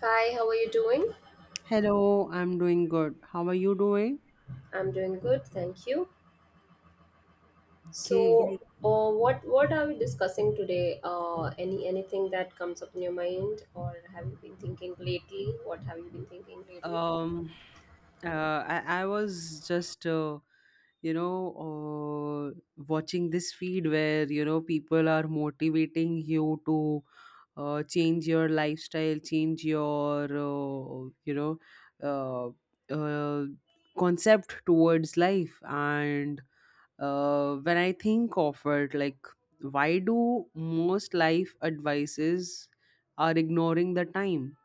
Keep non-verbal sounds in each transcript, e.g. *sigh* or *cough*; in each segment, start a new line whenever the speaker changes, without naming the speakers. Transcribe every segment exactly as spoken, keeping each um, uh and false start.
Hi, how are you doing?
Hello, I'm doing good. How are you doing?
I'm doing good, thank you. So,
Okay.
uh, what what are we discussing today? Uh, any anything that comes up in your mind, or have you been thinking lately? What have you been thinking lately?
Um, uh, I, I was just, uh, you know, uh, watching this feed where, you know, people are motivating you to uh, change your lifestyle, change your, uh, you know, uh, uh, concept towards life. And uh, when I think of it, like, why do most life advices are ignoring the time?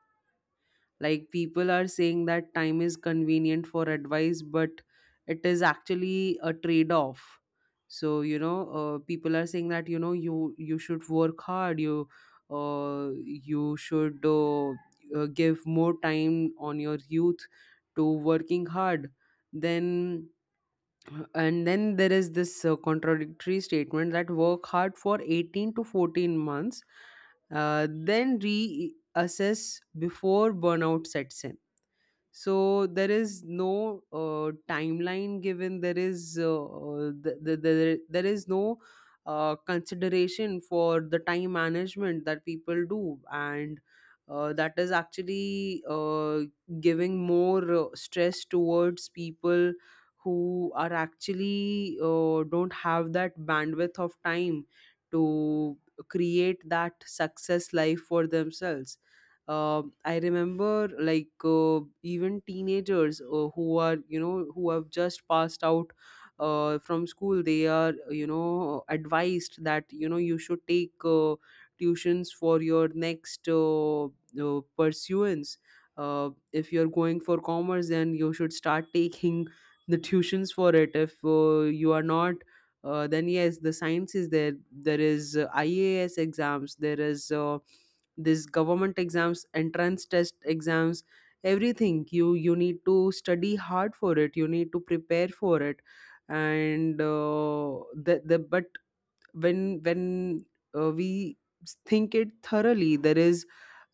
Like, people are saying that time is convenient for advice, but it is actually a trade off. So, you know uh, people are saying that, you know, you you should work hard, you uh, you should uh, uh, give more time on your youth to working hard, then and then there is this uh, contradictory statement that work hard for eighteen to fourteen months, uh, then reassess before burnout sets in. So there is no uh, timeline given. There is uh, uh, th- th- there, there is no uh, consideration for the time management that people do, and uh, that is actually uh, giving more uh, stress towards people who are actually uh, don't have that bandwidth of time to create that success life for themselves. uh, I remember, like, uh, even teenagers uh, who are, you know, who have just passed out uh, from school, they are, you know, advised that, you know, you should take uh, tuitions for your next uh, uh, pursuance. Uh, if you're going for commerce, then you should start taking *laughs* the tuitions for it. If uh, you are not uh, then, yes, the science is there. There is uh, I A S exams, there is uh, this government exams, entrance test exams, everything you you need to study hard for it, you need to prepare for it. And uh, the, the but when when uh, we think it thoroughly, there is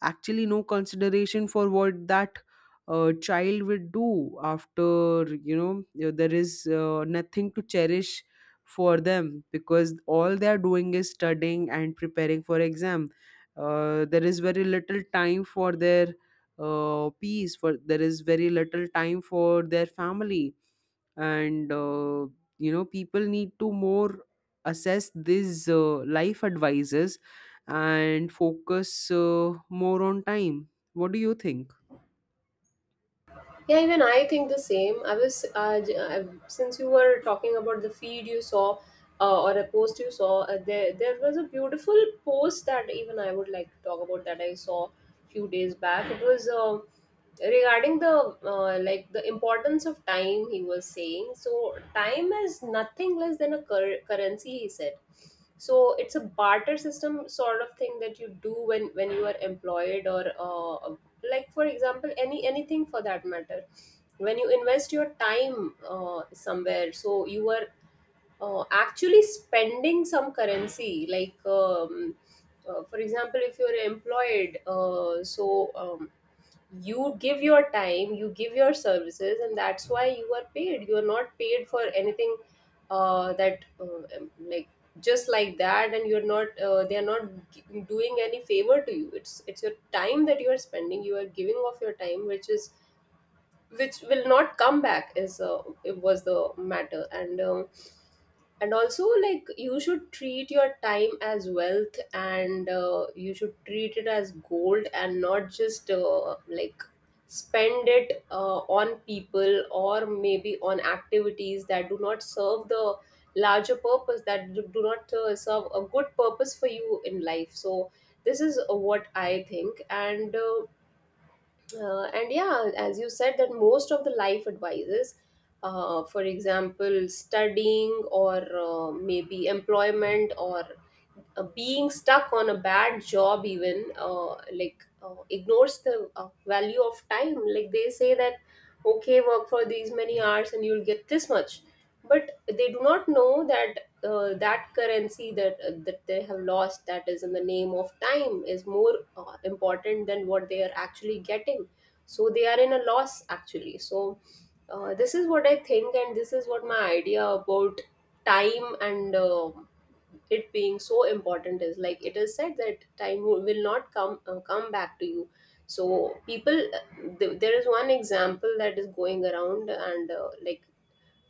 actually no consideration for what that uh, child would do after, you know, you there is uh, nothing to cherish for them, because all they are doing is studying and preparing for exam. Uh, there is very little time for their uh, peace, for there is very little time for their family. And uh, you know, people need to more assess these uh, life advices and focus uh, more on time. What do you think?
Yeah, even I think the same. I was uh, j- uh, since you were talking about the feed you saw, uh, or a post you saw. Uh, there there was a beautiful post that even I would like to talk about that I saw few days back. It was. Uh, regarding the uh, like, the importance of time. He was saying, so time is nothing less than a cur- currency, he said. So it's a barter system sort of thing that you do when when you are employed or uh, like, for example, any anything for that matter. When you invest your time uh, somewhere, so you are uh, actually spending some currency. Like um, uh, for example, if you're employed uh, so um, you give your time, you give your services, and that's why you are paid. You are not paid for anything uh, that uh, um, like just like that, and you're not uh, they are not g- doing any favor to you. It's it's your time that you are spending. You are giving of your time, which is which will not come back, is uh, it was the matter. And um, and also, like, you should treat your time as wealth, and uh, you should treat it as gold and not just uh, like spend it uh, on people or maybe on activities that do not serve the larger purpose, that do do not uh, serve a good purpose for you in life. So this is uh, what I think. And uh, uh, and yeah, as you said, that most of the life advices, uh, for example, studying or uh, maybe employment, or uh, being stuck on a bad job, even uh, like uh, ignores the uh, value of time. Like they say that, okay, work for these many hours and you'll get this much, but they do not know that Uh, that currency that uh, that they have lost, that is in the name of time, is more uh, important than what they are actually getting. So they are in a loss, actually. So uh, this is what I think, and this is what my idea about time. And uh, it being so important is, like, it is said that time wo- will not come uh, come back to you. So people, uh, th- there is one example that is going around. And uh, Like,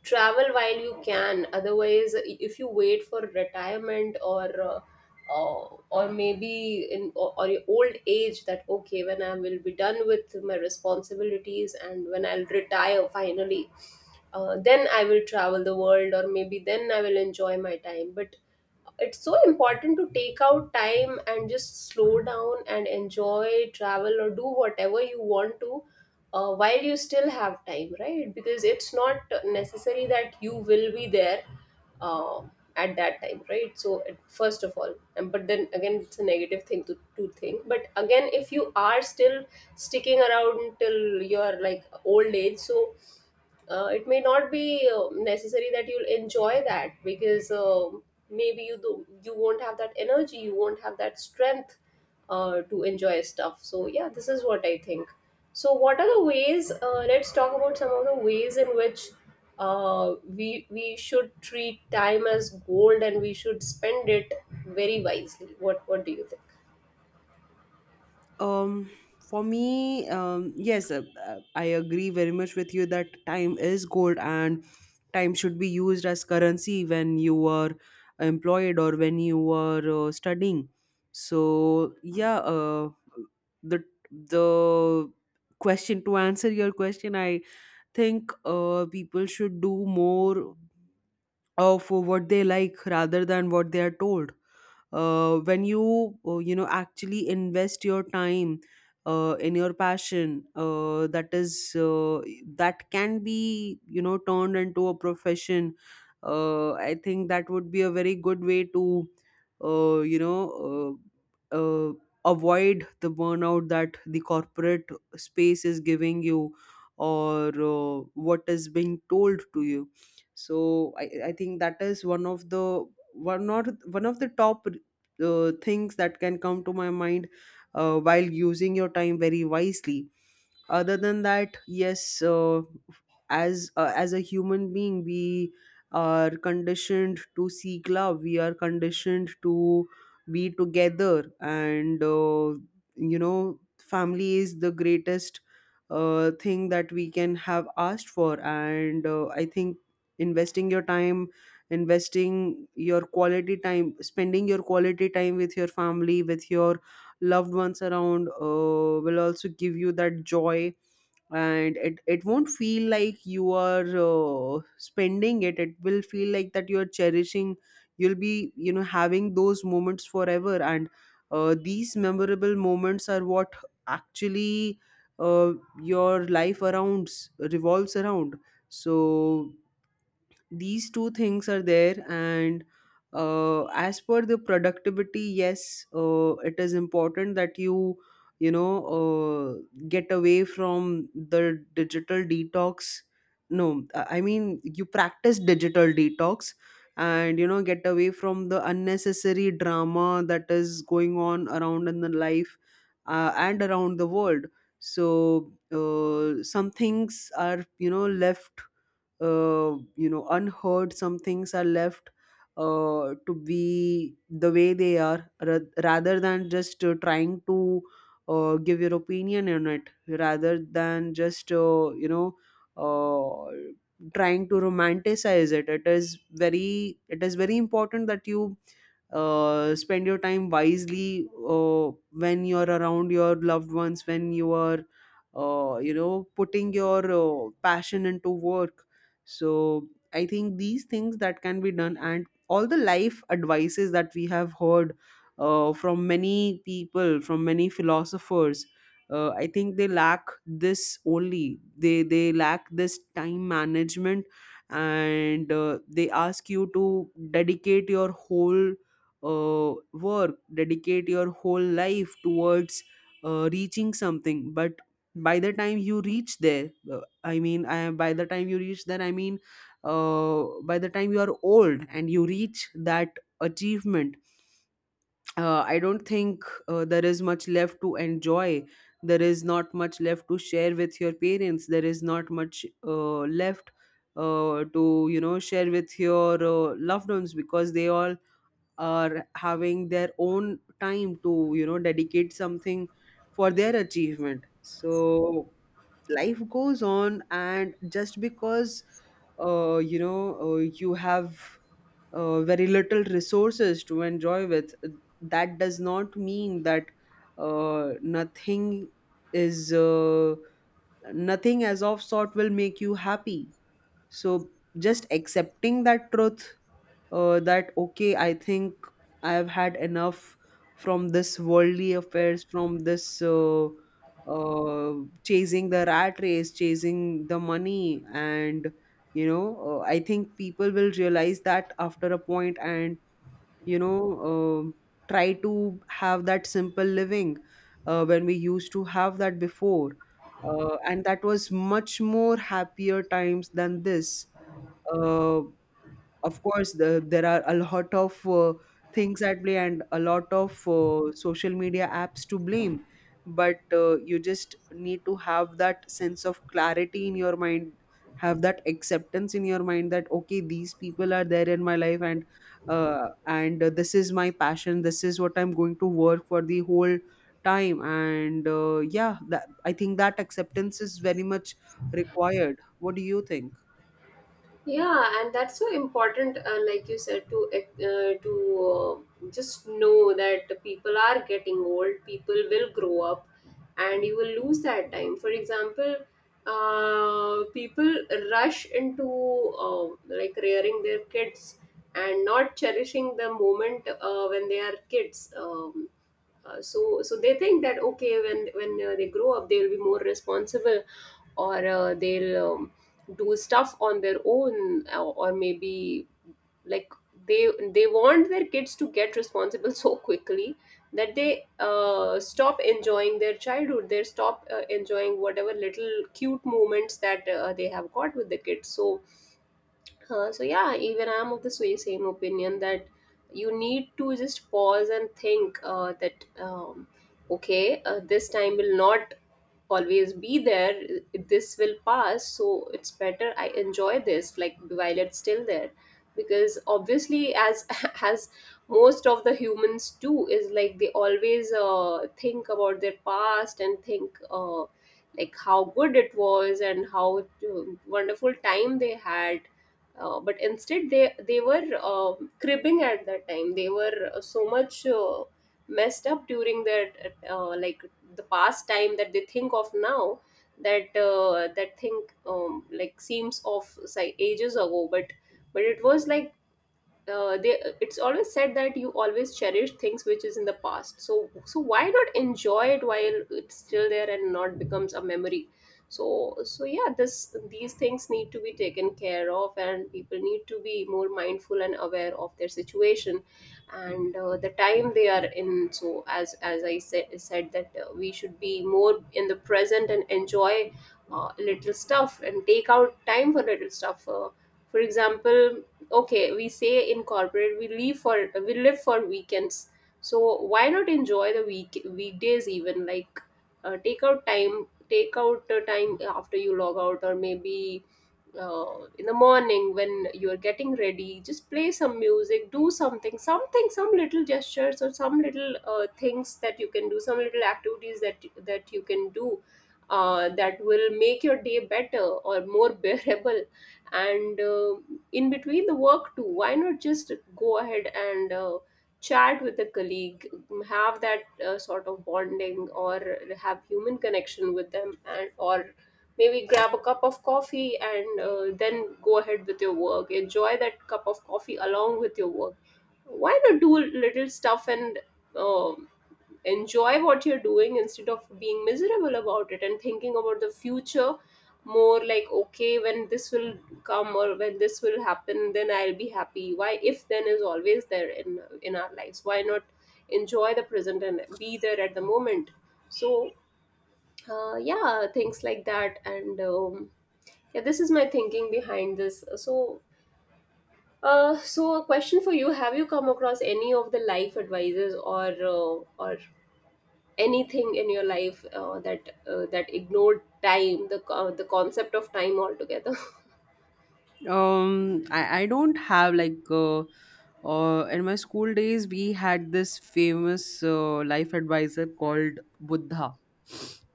travel while you can. Otherwise, i- if you wait for retirement, or uh, uh, or maybe in, or, or your old age, that, okay, when I will be done with my responsibilities and when I'll retire finally, uh, then I will travel the world, or maybe then I will enjoy my time. But it's so important to take out time and just slow down and enjoy travel, or do whatever you want to, uh, while you still have time, right? Because it's not necessary that you will be there uh, at that time, right? So it, first of all, and but then again, it's a negative thing to, to think. But again, if you are still sticking around till your, like, old age, so uh, it may not be uh, necessary that you'll enjoy that, because um maybe you do, you won't have that energy, you won't have that strength uh, to enjoy stuff. So yeah, this is what I think. So what are the ways, uh, let's talk about some of the ways in which uh, we we should treat time as gold, and we should spend it very wisely. What what do you think?
um for me, um yes, uh, uh, I agree very much with you that time is gold, and time should be used as currency when you are employed or when you are uh, studying. So, yeah uh, the the question, to answer your question, I think uh, people should do more of what they like rather than what they are told. Uh, when you uh, you know, actually invest your time uh, in your passion, uh, that is uh, that can be, you know, turned into a profession, uh, I think that would be a very good way to uh, you know uh, uh, avoid the burnout that the corporate space is giving you, or uh, what is being told to you. So i, I think that is one of the one or one of the top uh, things that can come to my mind uh, while using your time very wisely. Other than that, yes, uh, as uh, as a human being, we are conditioned to seek love, we are conditioned to be together, and uh, you know, family is the greatest uh, thing that we can have asked for. And uh, I think investing your time, investing your quality time, spending your quality time with your family, with your loved ones around uh, will also give you that joy. And it, it won't feel like you are uh, spending it, it will feel like that you're cherishing, you'll be, you know, having those moments forever. And uh, these memorable moments are what actually uh, your life arounds revolves around. So these two things are there. And uh, as per the productivity, yes, uh, it is important that you you know, uh, get away from the digital detox, no, i I mean, you practice digital detox and, you know, get away from the unnecessary drama that is going on around in the life uh, and around the world. So uh, some things are, you know, left uh, you know, unheard, some things are left uh, to be the way they are, ra- rather than just uh, trying to uh, give your opinion on it, rather than just uh, you know uh, trying to romanticize it. It is very it is very important that you uh, spend your time wisely uh, when you're around your loved ones, when you are uh, you know, putting your uh, passion into work. So I think these things that can be done, and all the life advices that we have heard uh, from many people, from many philosophers, uh, I think they lack this only, they they lack this time management. And uh, they ask you to dedicate your whole uh, work, dedicate your whole life towards uh, reaching something. But by the time you reach there, uh, I mean, I, by the time you reach that, I mean, uh, by the time you are old and you reach that achievement, uh, I don't think uh, there is much left to enjoy. There is not much left to share with your parents. There is not much uh, left uh, to, you know, share with your uh, loved ones, because they all are having their own time to, you know, dedicate something for their achievement. So life goes on, and just because uh, you know uh, you have uh, very little resources to enjoy with, that does not mean that uh, nothing is uh, nothing as of sort will make you happy. So just accepting that truth, uh, that okay, I think I have had enough from this worldly affairs, from this uh, uh, chasing the rat race, chasing the money, and you know uh, I think people will realize that after a point, and you know uh, try to have that simple living uh, when we used to have that before, uh, and that was much more happier times than this uh. Of course, the, there are a lot of uh, things at play, and a lot of uh, social media apps to blame. But uh, you just need to have that sense of clarity in your mind, have that acceptance in your mind that okay, these people are there in my life, and uh, and uh, this is my passion. This is what I'm going to work for the whole time. And uh, yeah, that I think that acceptance is very much required. What do you think?
Yeah, and that's so important, uh, like you said, to uh, to uh, just know that the people are getting old, people will grow up, and you will lose that time. For example, uh, people rush into, uh, like, rearing their kids, and not cherishing the moment uh, when they are kids. Um, uh, so so they think that, okay, when when uh, they grow up, they will be more responsible, or uh, they'll um, do stuff on their own, or, or maybe, like, they they want their kids to get responsible *laughs* so quickly that they uh, stop enjoying their childhood, they stop uh, enjoying whatever little cute moments that uh, they have got with the kids. So huh, so yeah, even I'm of the same same opinion that you need to just pause and think uh, that um, okay, uh, this time will not always be there. This will pass, so it's better I enjoy this, like, while it's still there, because obviously, as *laughs* as most of the humans do, is, like, they always uh, think about their past and think. Uh, like, how good it was and how uh, wonderful time they had, uh, but instead they they were um cribbing at that time. They were uh, so much uh, messed up during their uh, like the past time that they think of now, that uh, that thing, um, like, seems of, say, ages ago. But but it was like, uh, they it's always said that you always cherish things which is in the past. So so why not enjoy it while it's still there and not becomes a memory? So so yeah, this these things need to be taken care of, and people need to be more mindful and aware of their situation and uh, the time they are in. So as as I said said, that uh, we should be more in the present and enjoy uh, little stuff and take out time for little stuff. Uh, for example, okay, we say in corporate, we leave for we live for weekends. So why not enjoy the week weekdays even, like, uh, take out time take out the time after you log out, or maybe uh, in the morning when you are getting ready, just play some music, do something something, some little gestures, or some little uh, things that you can do, some little activities that that you can do uh, that will make your day better, or more *laughs* bearable. And uh, in between the work too, why not just go ahead and uh, chat with a colleague, have that uh, sort of bonding, or have human connection with them, and or maybe grab a cup of coffee and uh, then go ahead with your work, enjoy that cup of coffee along with your work. Why not do little stuff and um enjoy what you're doing instead of being miserable about it and thinking about the future, more like, okay, when this will come, or when this will happen, then I'll be happy. Why, if then is always there in in our lives, why not enjoy the present and be there at the moment? So uh, yeah, things like that. And um, yeah, this is my thinking behind this. So, uh, so a question for you: have you come across any of the life advices, or uh, or anything in your life uh, that uh, that ignored time, the co- the concept of time altogether? *laughs*
Um, I, I don't have, like, uh, uh, in my school days we had this famous uh, life advisor called Buddha.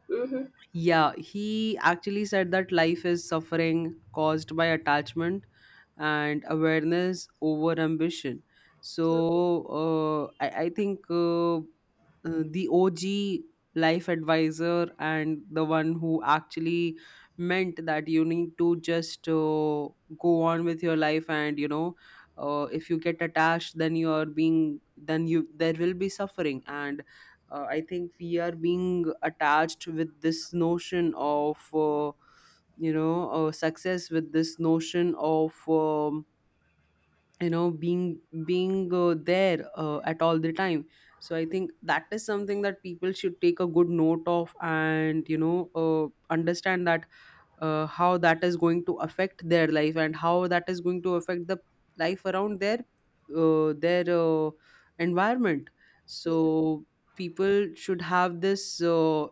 Mm-hmm.
Yeah, he actually said that life is suffering caused by attachment and awareness over ambition. So uh, I, I think uh, uh, the O G life advisor, and the one who actually meant that you need to just uh, go on with your life, and you know, uh, if you get attached, then you are being, then you, there will be suffering. And uh, I think we are being attached with this notion of uh, you know uh, success, with this notion of um, you know being being uh, there uh, at all the time. So I think that is something that people should take a good note of, and, you know, uh, understand that uh, how that is going to affect their life, and how that is going to affect the life around their uh, their uh, environment. So people should have this uh,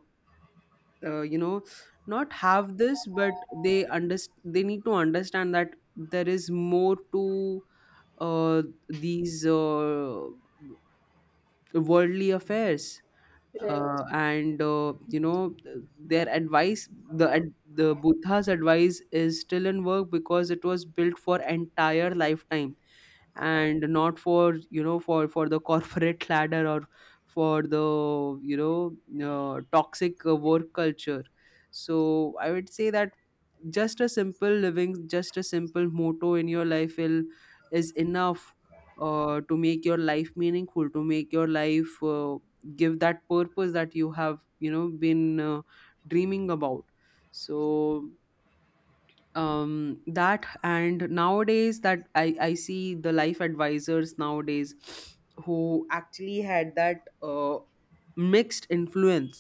uh, you know not have this, but they underst- they need to understand that there is more to uh, these uh, worldly affairs.
Right.
Uh, and uh, you know, th- their advice, the ad- the Buddha's advice is still in work, because it was built for entire lifetime and not for, you know, for for the corporate *laughs* ladder, or for the, you know, uh, toxic uh, work culture. So I would say that just a simple living, just a simple motto in your life will is enough uh, to make your life meaningful, to make your life uh, give that purpose that you have, you know, been uh, dreaming about. So um that, and nowadays, that i i see the life advisors nowadays who actually had that uh, mixed influence,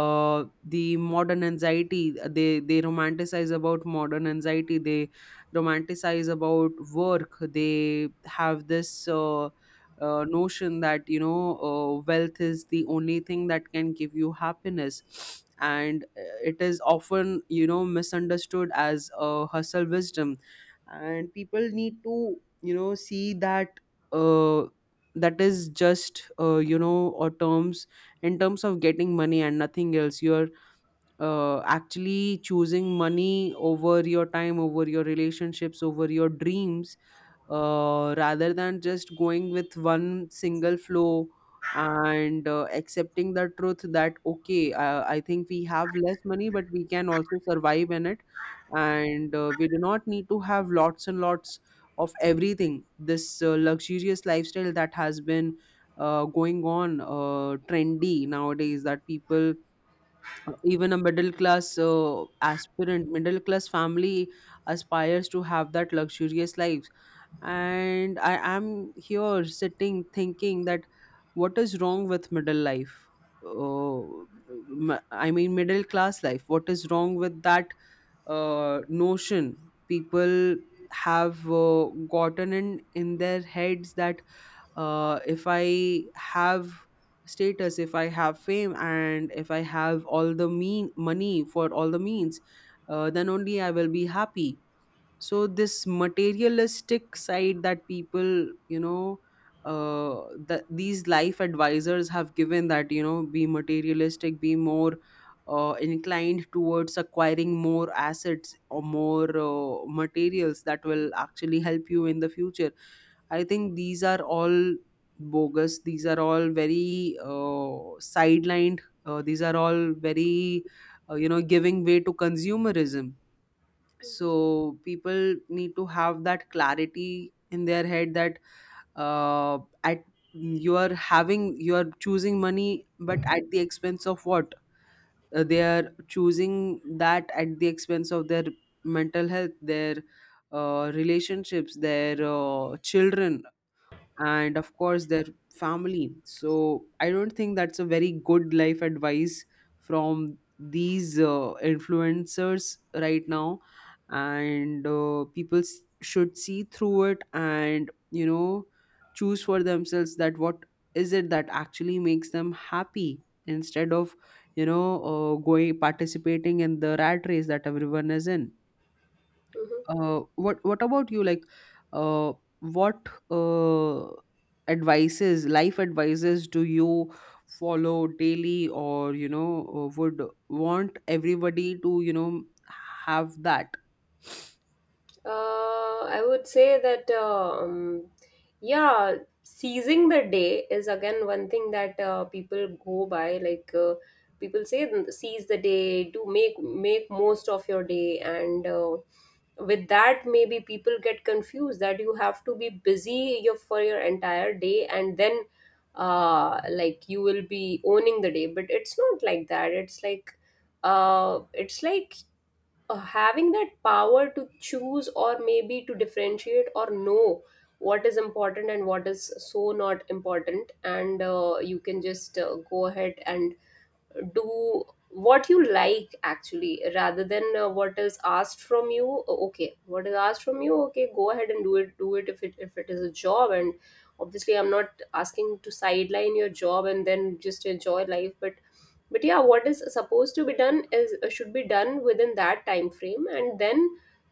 uh the modern anxiety, they they romanticize about modern anxiety, they romanticize about work. They have this uh, uh, notion that, you know, uh, wealth is the only thing that can give you happiness, and uh, it is often, you know, misunderstood as a hustle wisdom. And people need to, you know, see that uh, that is just uh, you know or terms in terms of getting money and nothing else. You're uh, actually choosing money over your time, over your relationships, over your dreams, uh, rather than just going with one single flow. And uh, accepting the truth that okay uh, I think we have less money, but we can also survive in it. And uh, we do not need to have lots and lots of everything. This uh, luxurious lifestyle that has been uh, going on, uh, trendy nowadays, that people, even a middle class, uh, aspirant middle class family aspires to have that luxurious life. And I am here sitting thinking that what is wrong with middle life? oh, m- I mean middle class life, what is wrong with that uh, notion people have uh, gotten in in their heads that uh, if I have status, if I have fame, and if I have all the mean money for all the means, uh, then only I will be happy. So this materialistic side that people you know uh that these life advisors have given, that you know be materialistic, be more uh, inclined towards acquiring more assets or more uh, materials that will actually help you in the future. I think these are all bogus. These are all very uh, sidelined. Uh, these are all very uh, you know giving way to consumerism.
Mm-hmm.
So people need to have that clarity in their head that uh, at you are having, you are choosing money, but at the expense of what? Uh, they are choosing that at the expense of their mental health, their uh, relationships, their uh, children, and of course their family. So I don't think that's a very good life advice from these uh, influencers right now. And uh, people s- should see through it and you know choose for themselves that what is it that actually makes them happy, instead of you know uh, going, participating in the rat race that everyone is in.
Mm-hmm.
Uh, what what about you? Like uh, what uh, advices, life advices, do you follow daily? Or you know uh, would want everybody to you know have that?
Uh, I would say that, um, yeah, seizing the day is again one thing that uh, people go by. Like, uh, people say, seize the day, do make make most of your day, and uh, with that, maybe people get confused that you have to be busy your, for your entire day, and then uh, like you will be owning the day. But it's not like that. It's like uh, it's like uh, having that power to choose, or maybe to differentiate or know what is important and what is so not important, and uh, you can just uh, go ahead and do what you like actually, rather than uh, what is asked from you. Uh, okay, what is asked from you, okay, go ahead and do it. Do it if it if it is a job. And obviously I'm not asking to sideline your job and then just enjoy life, but but yeah, what is supposed to be done is uh, should be done within that time frame, and then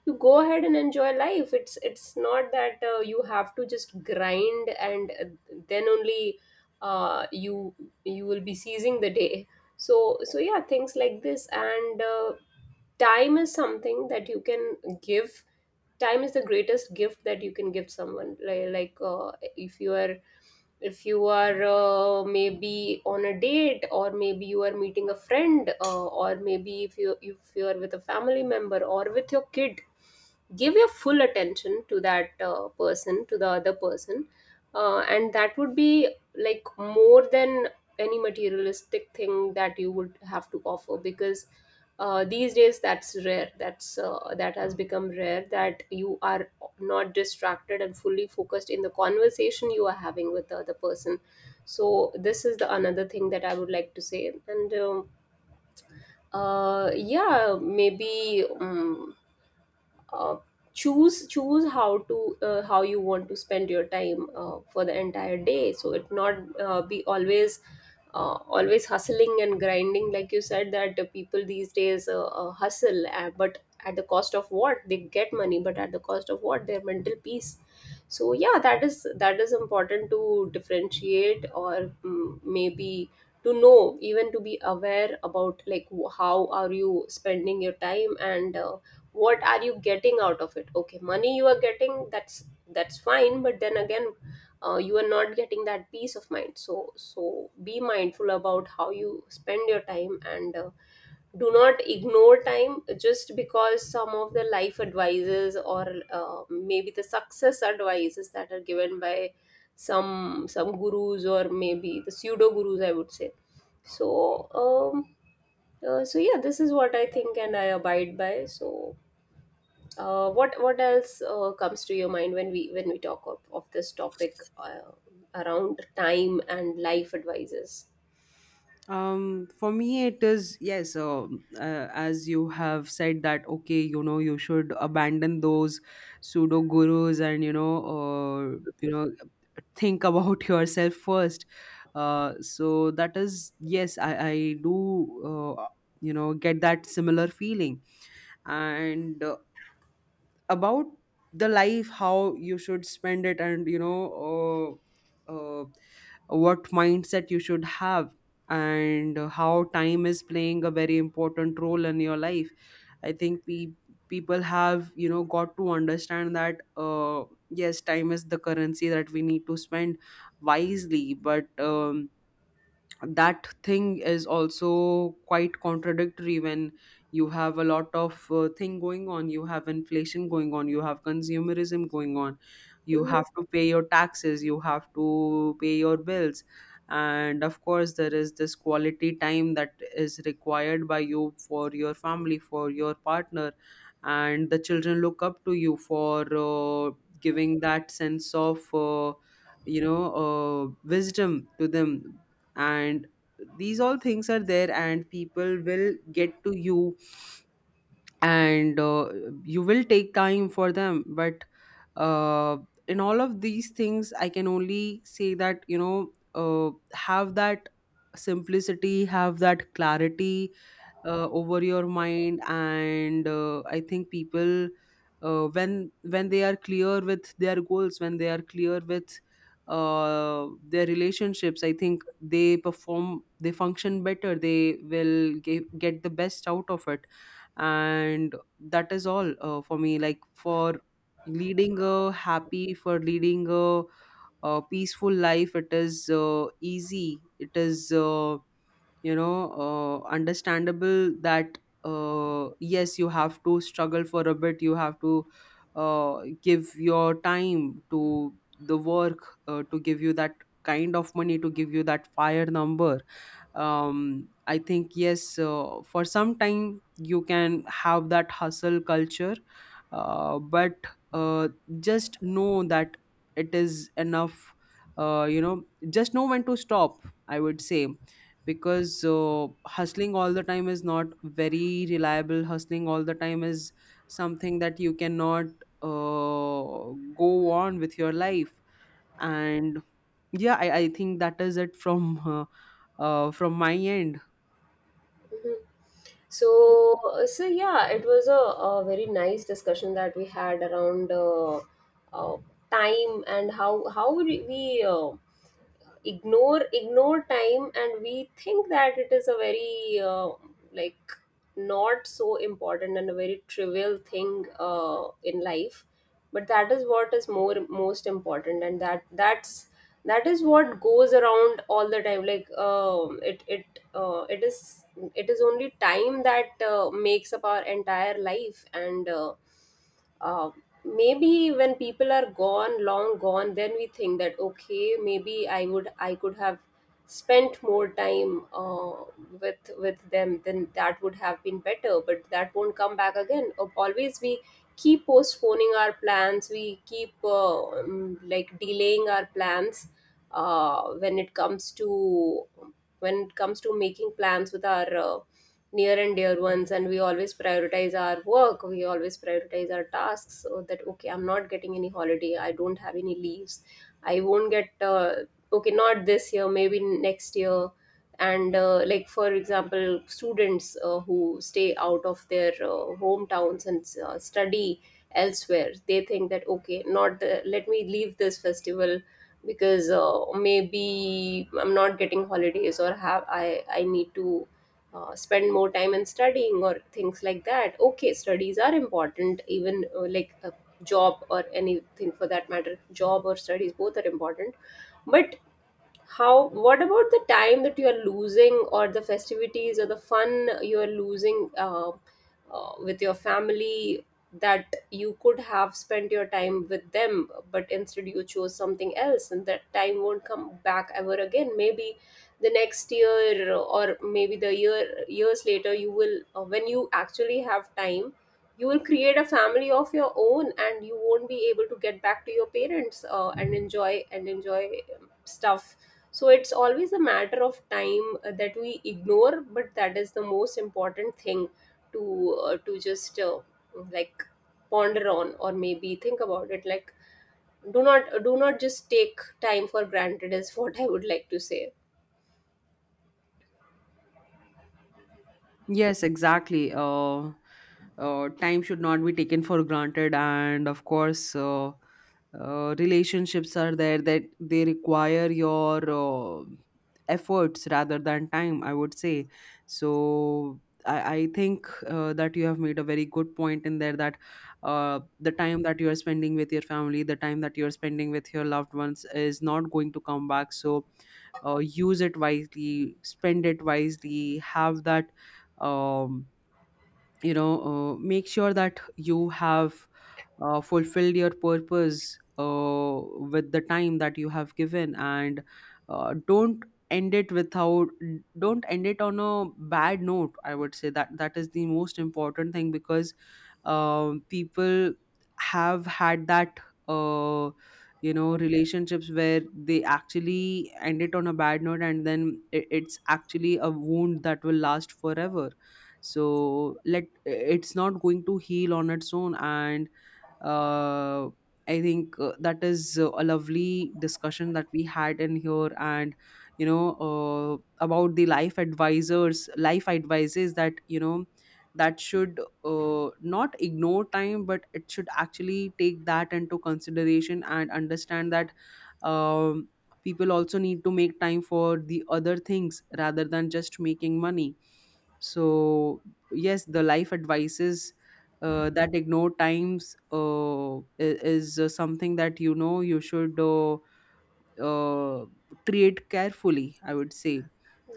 you go ahead and enjoy life. It's it's not that uh, you have to just grind and uh, then only uh, you you will be seizing the day. So so yeah, things like this. And uh, Time is something that you can give. Time is the greatest gift that you can give someone. Like, like uh, if you are, if you are uh, maybe on a date, or maybe you are meeting a friend, uh, or maybe if you if you are with a family member or with your kid, give your full attention to that uh, person, to the other person. Uh, and that would be like more than any materialistic thing that you would have to offer, because uh, these days that's rare. That's uh, that has become rare, that you are not distracted and fully focused in the conversation you are having with the other person. So this is the another thing that I would like to say. And um, uh, Yeah, maybe um, uh, choose choose how to uh, how you want to spend your time uh, for the entire day, so it not uh, be always uh, always hustling and grinding, like you said, that uh, people these days uh, uh, hustle, uh, but at the cost of what? They get money, but at the cost of what? Their mental peace. So yeah, that is that is important to differentiate, or mm, maybe to know, even to be aware about, like, wh- how are you spending your time, and uh, what are you getting out of it? Okay, money you are getting, that's that's fine, but then again, uh, you are not getting that peace of mind. So so be mindful about how you spend your time, and uh, do not ignore time, just because some of the life advices, or uh, maybe the success advices that are given by some some gurus, or maybe the pseudo gurus, I would say. So um uh, so yeah, this is what I think and I abide by. So uh, what what else uh, comes to your mind when we when we talk of, of this topic, uh, around time and life advices?
um For me, it is, yes, uh, uh, as you have said that, okay, you know you should abandon those pseudo gurus, and you know uh, you know think about *laughs* yourself first. Uh, so that is, yes, i i do, uh, you know get that similar feeling. And uh, about the life, how you should spend it, and you know uh, uh, what mindset you should have, and how time is playing a very important role in your life. I think we, people, have you know got to understand that, uh, yes, time is the currency that we need to spend wisely. But um, that thing is also quite contradictory when you have a lot of uh, thing going on. You have inflation going on, you have consumerism going on, you
Mhm,
have to pay your taxes, you have to pay your bills, and of course there is this quality time that is required by you for your family, for your partner, and the children look up to you for uh, giving that sense of uh, you know uh, wisdom to them. And these all things are there, and people will get to you, and uh, you will take time for them. But uh, in all of these things, I can only say that, you know uh, have that simplicity, have that clarity uh, over your mind. And uh, I think people, uh, when when they are clear with their goals, when they are clear with uh, their relationships, I think they perform, they function better, they will ge- get the best out of it. And that is all, uh, for me, like, for leading a happy, for leading a, a peaceful life. It is uh, easy, it is uh, you know uh, understandable that uh, yes, you have to struggle for a bit, you have to uh, give your time to the work uh, to give you that kind of money, to give you that fire number. um, I think, yes, uh, for some time you can have that hustle culture, uh, but uh, just know that it is enough. uh, you know just know when to stop, I would say, because uh, hustling all the time is not very reliable. Hustling all the time is something that you cannot uh, go on with your life. And yeah, i, I think that is it from uh, uh, from my end.
mhm. So uh, so yeah, it was a, a very nice discussion that we had around uh, uh, time, and how how we we, uh, ignore ignore time, and we think that it is a very uh, like not so important and a very trivial thing uh, in life. But that is what is more most important, and that that's that is what goes around all the time. Like um it it uh, it is, it is only time that uh, makes up our entire life. And uh, um, Maybe when people are gone, long gone, then we think that okay, maybe i would i could have spent more time uh, with with them, then that would have been better, but that won't come back again. Of always we keep postponing our plans, we keep uh, um, like delaying our plans uh, when it comes to when it comes to making plans with our uh, near and dear ones. And we always prioritize our work, we always prioritize our tasks, so that okay, I'm not getting any holiday, I don't have any leaves, I won't get uh, okay, not this year, maybe next year. And uh, like for example, students uh, who stay out of their uh, hometowns and uh, study elsewhere, they think that okay, not the, let me leave this festival, because uh, maybe I'm not getting holidays, or have I I need to uh, spend more time in studying, or things like that. Okay, studies are important, even uh, like a job, or anything for that matter, job or studies, both are important. But how? What about the time that you are losing, or the festivities, or the fun you are losing, uh, uh, with your family, that you could have spent your time with them, but instead you chose something else, and that time won't come back ever again. Maybe the next year, or maybe the year years later, you will, uh, when you actually have time. You will create a family of your own, and you won't be able to get back to your parents, uh, and enjoy and enjoy um, stuff. So it's always a matter of time uh, that we ignore, but that is the most important thing to uh, to just uh, like ponder on, or maybe think about it. Like, do not do not just take time for granted, is *laughs* what I would like to say.
Yes, exactly. Uh, uh, time should not be taken for granted. And of course, uh, uh, relationships are there, that they require your uh, efforts rather than time, I would say. So, I, I think uh, that you have made a very good point in there, that uh, the time that you are spending with your family, the time that you are spending with your loved ones, is not going to come back. So, uh, use it wisely, spend it wisely, have that um, you know uh, make sure that you have, uh, fulfill your purpose uh, with the time that you have given. And uh, don't end it without, don't end it on a bad note, I would say, that that is the most important thing. Because um, people have had that uh, you know relationships where they actually end it on a bad note, and then it, it's actually a wound that will last forever. So let, it's not going to heal on its own. And uh, I think uh, that is uh, a lovely discussion that we had in here, and you know uh, about the life advisors, life advices, that you know that should uh, not ignore time, but it should actually take that into consideration and understand that um, people also need to make time for the other things rather than just making money. So yes, the life advices uh, that ignore times, uh, i- is uh, something that you know you should uh, uh, treat carefully, I would say.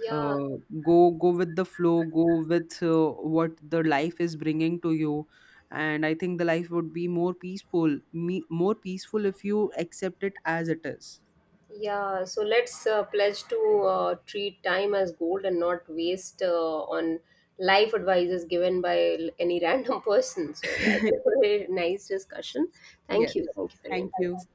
Yeah,
uh, Go, go with the flow, go with uh, what the life is bringing to you, and I think the life would be more peaceful, me, more peaceful if you accept it as it is.
yeah. So let's uh, pledge to uh, treat time as gold and not waste uh, on life advices given by l- any *laughs* random person. So yeah, *laughs* it
*laughs*
was a very nice discussion. Thank
Yes,
you. Thank you for your
thank you.
insights.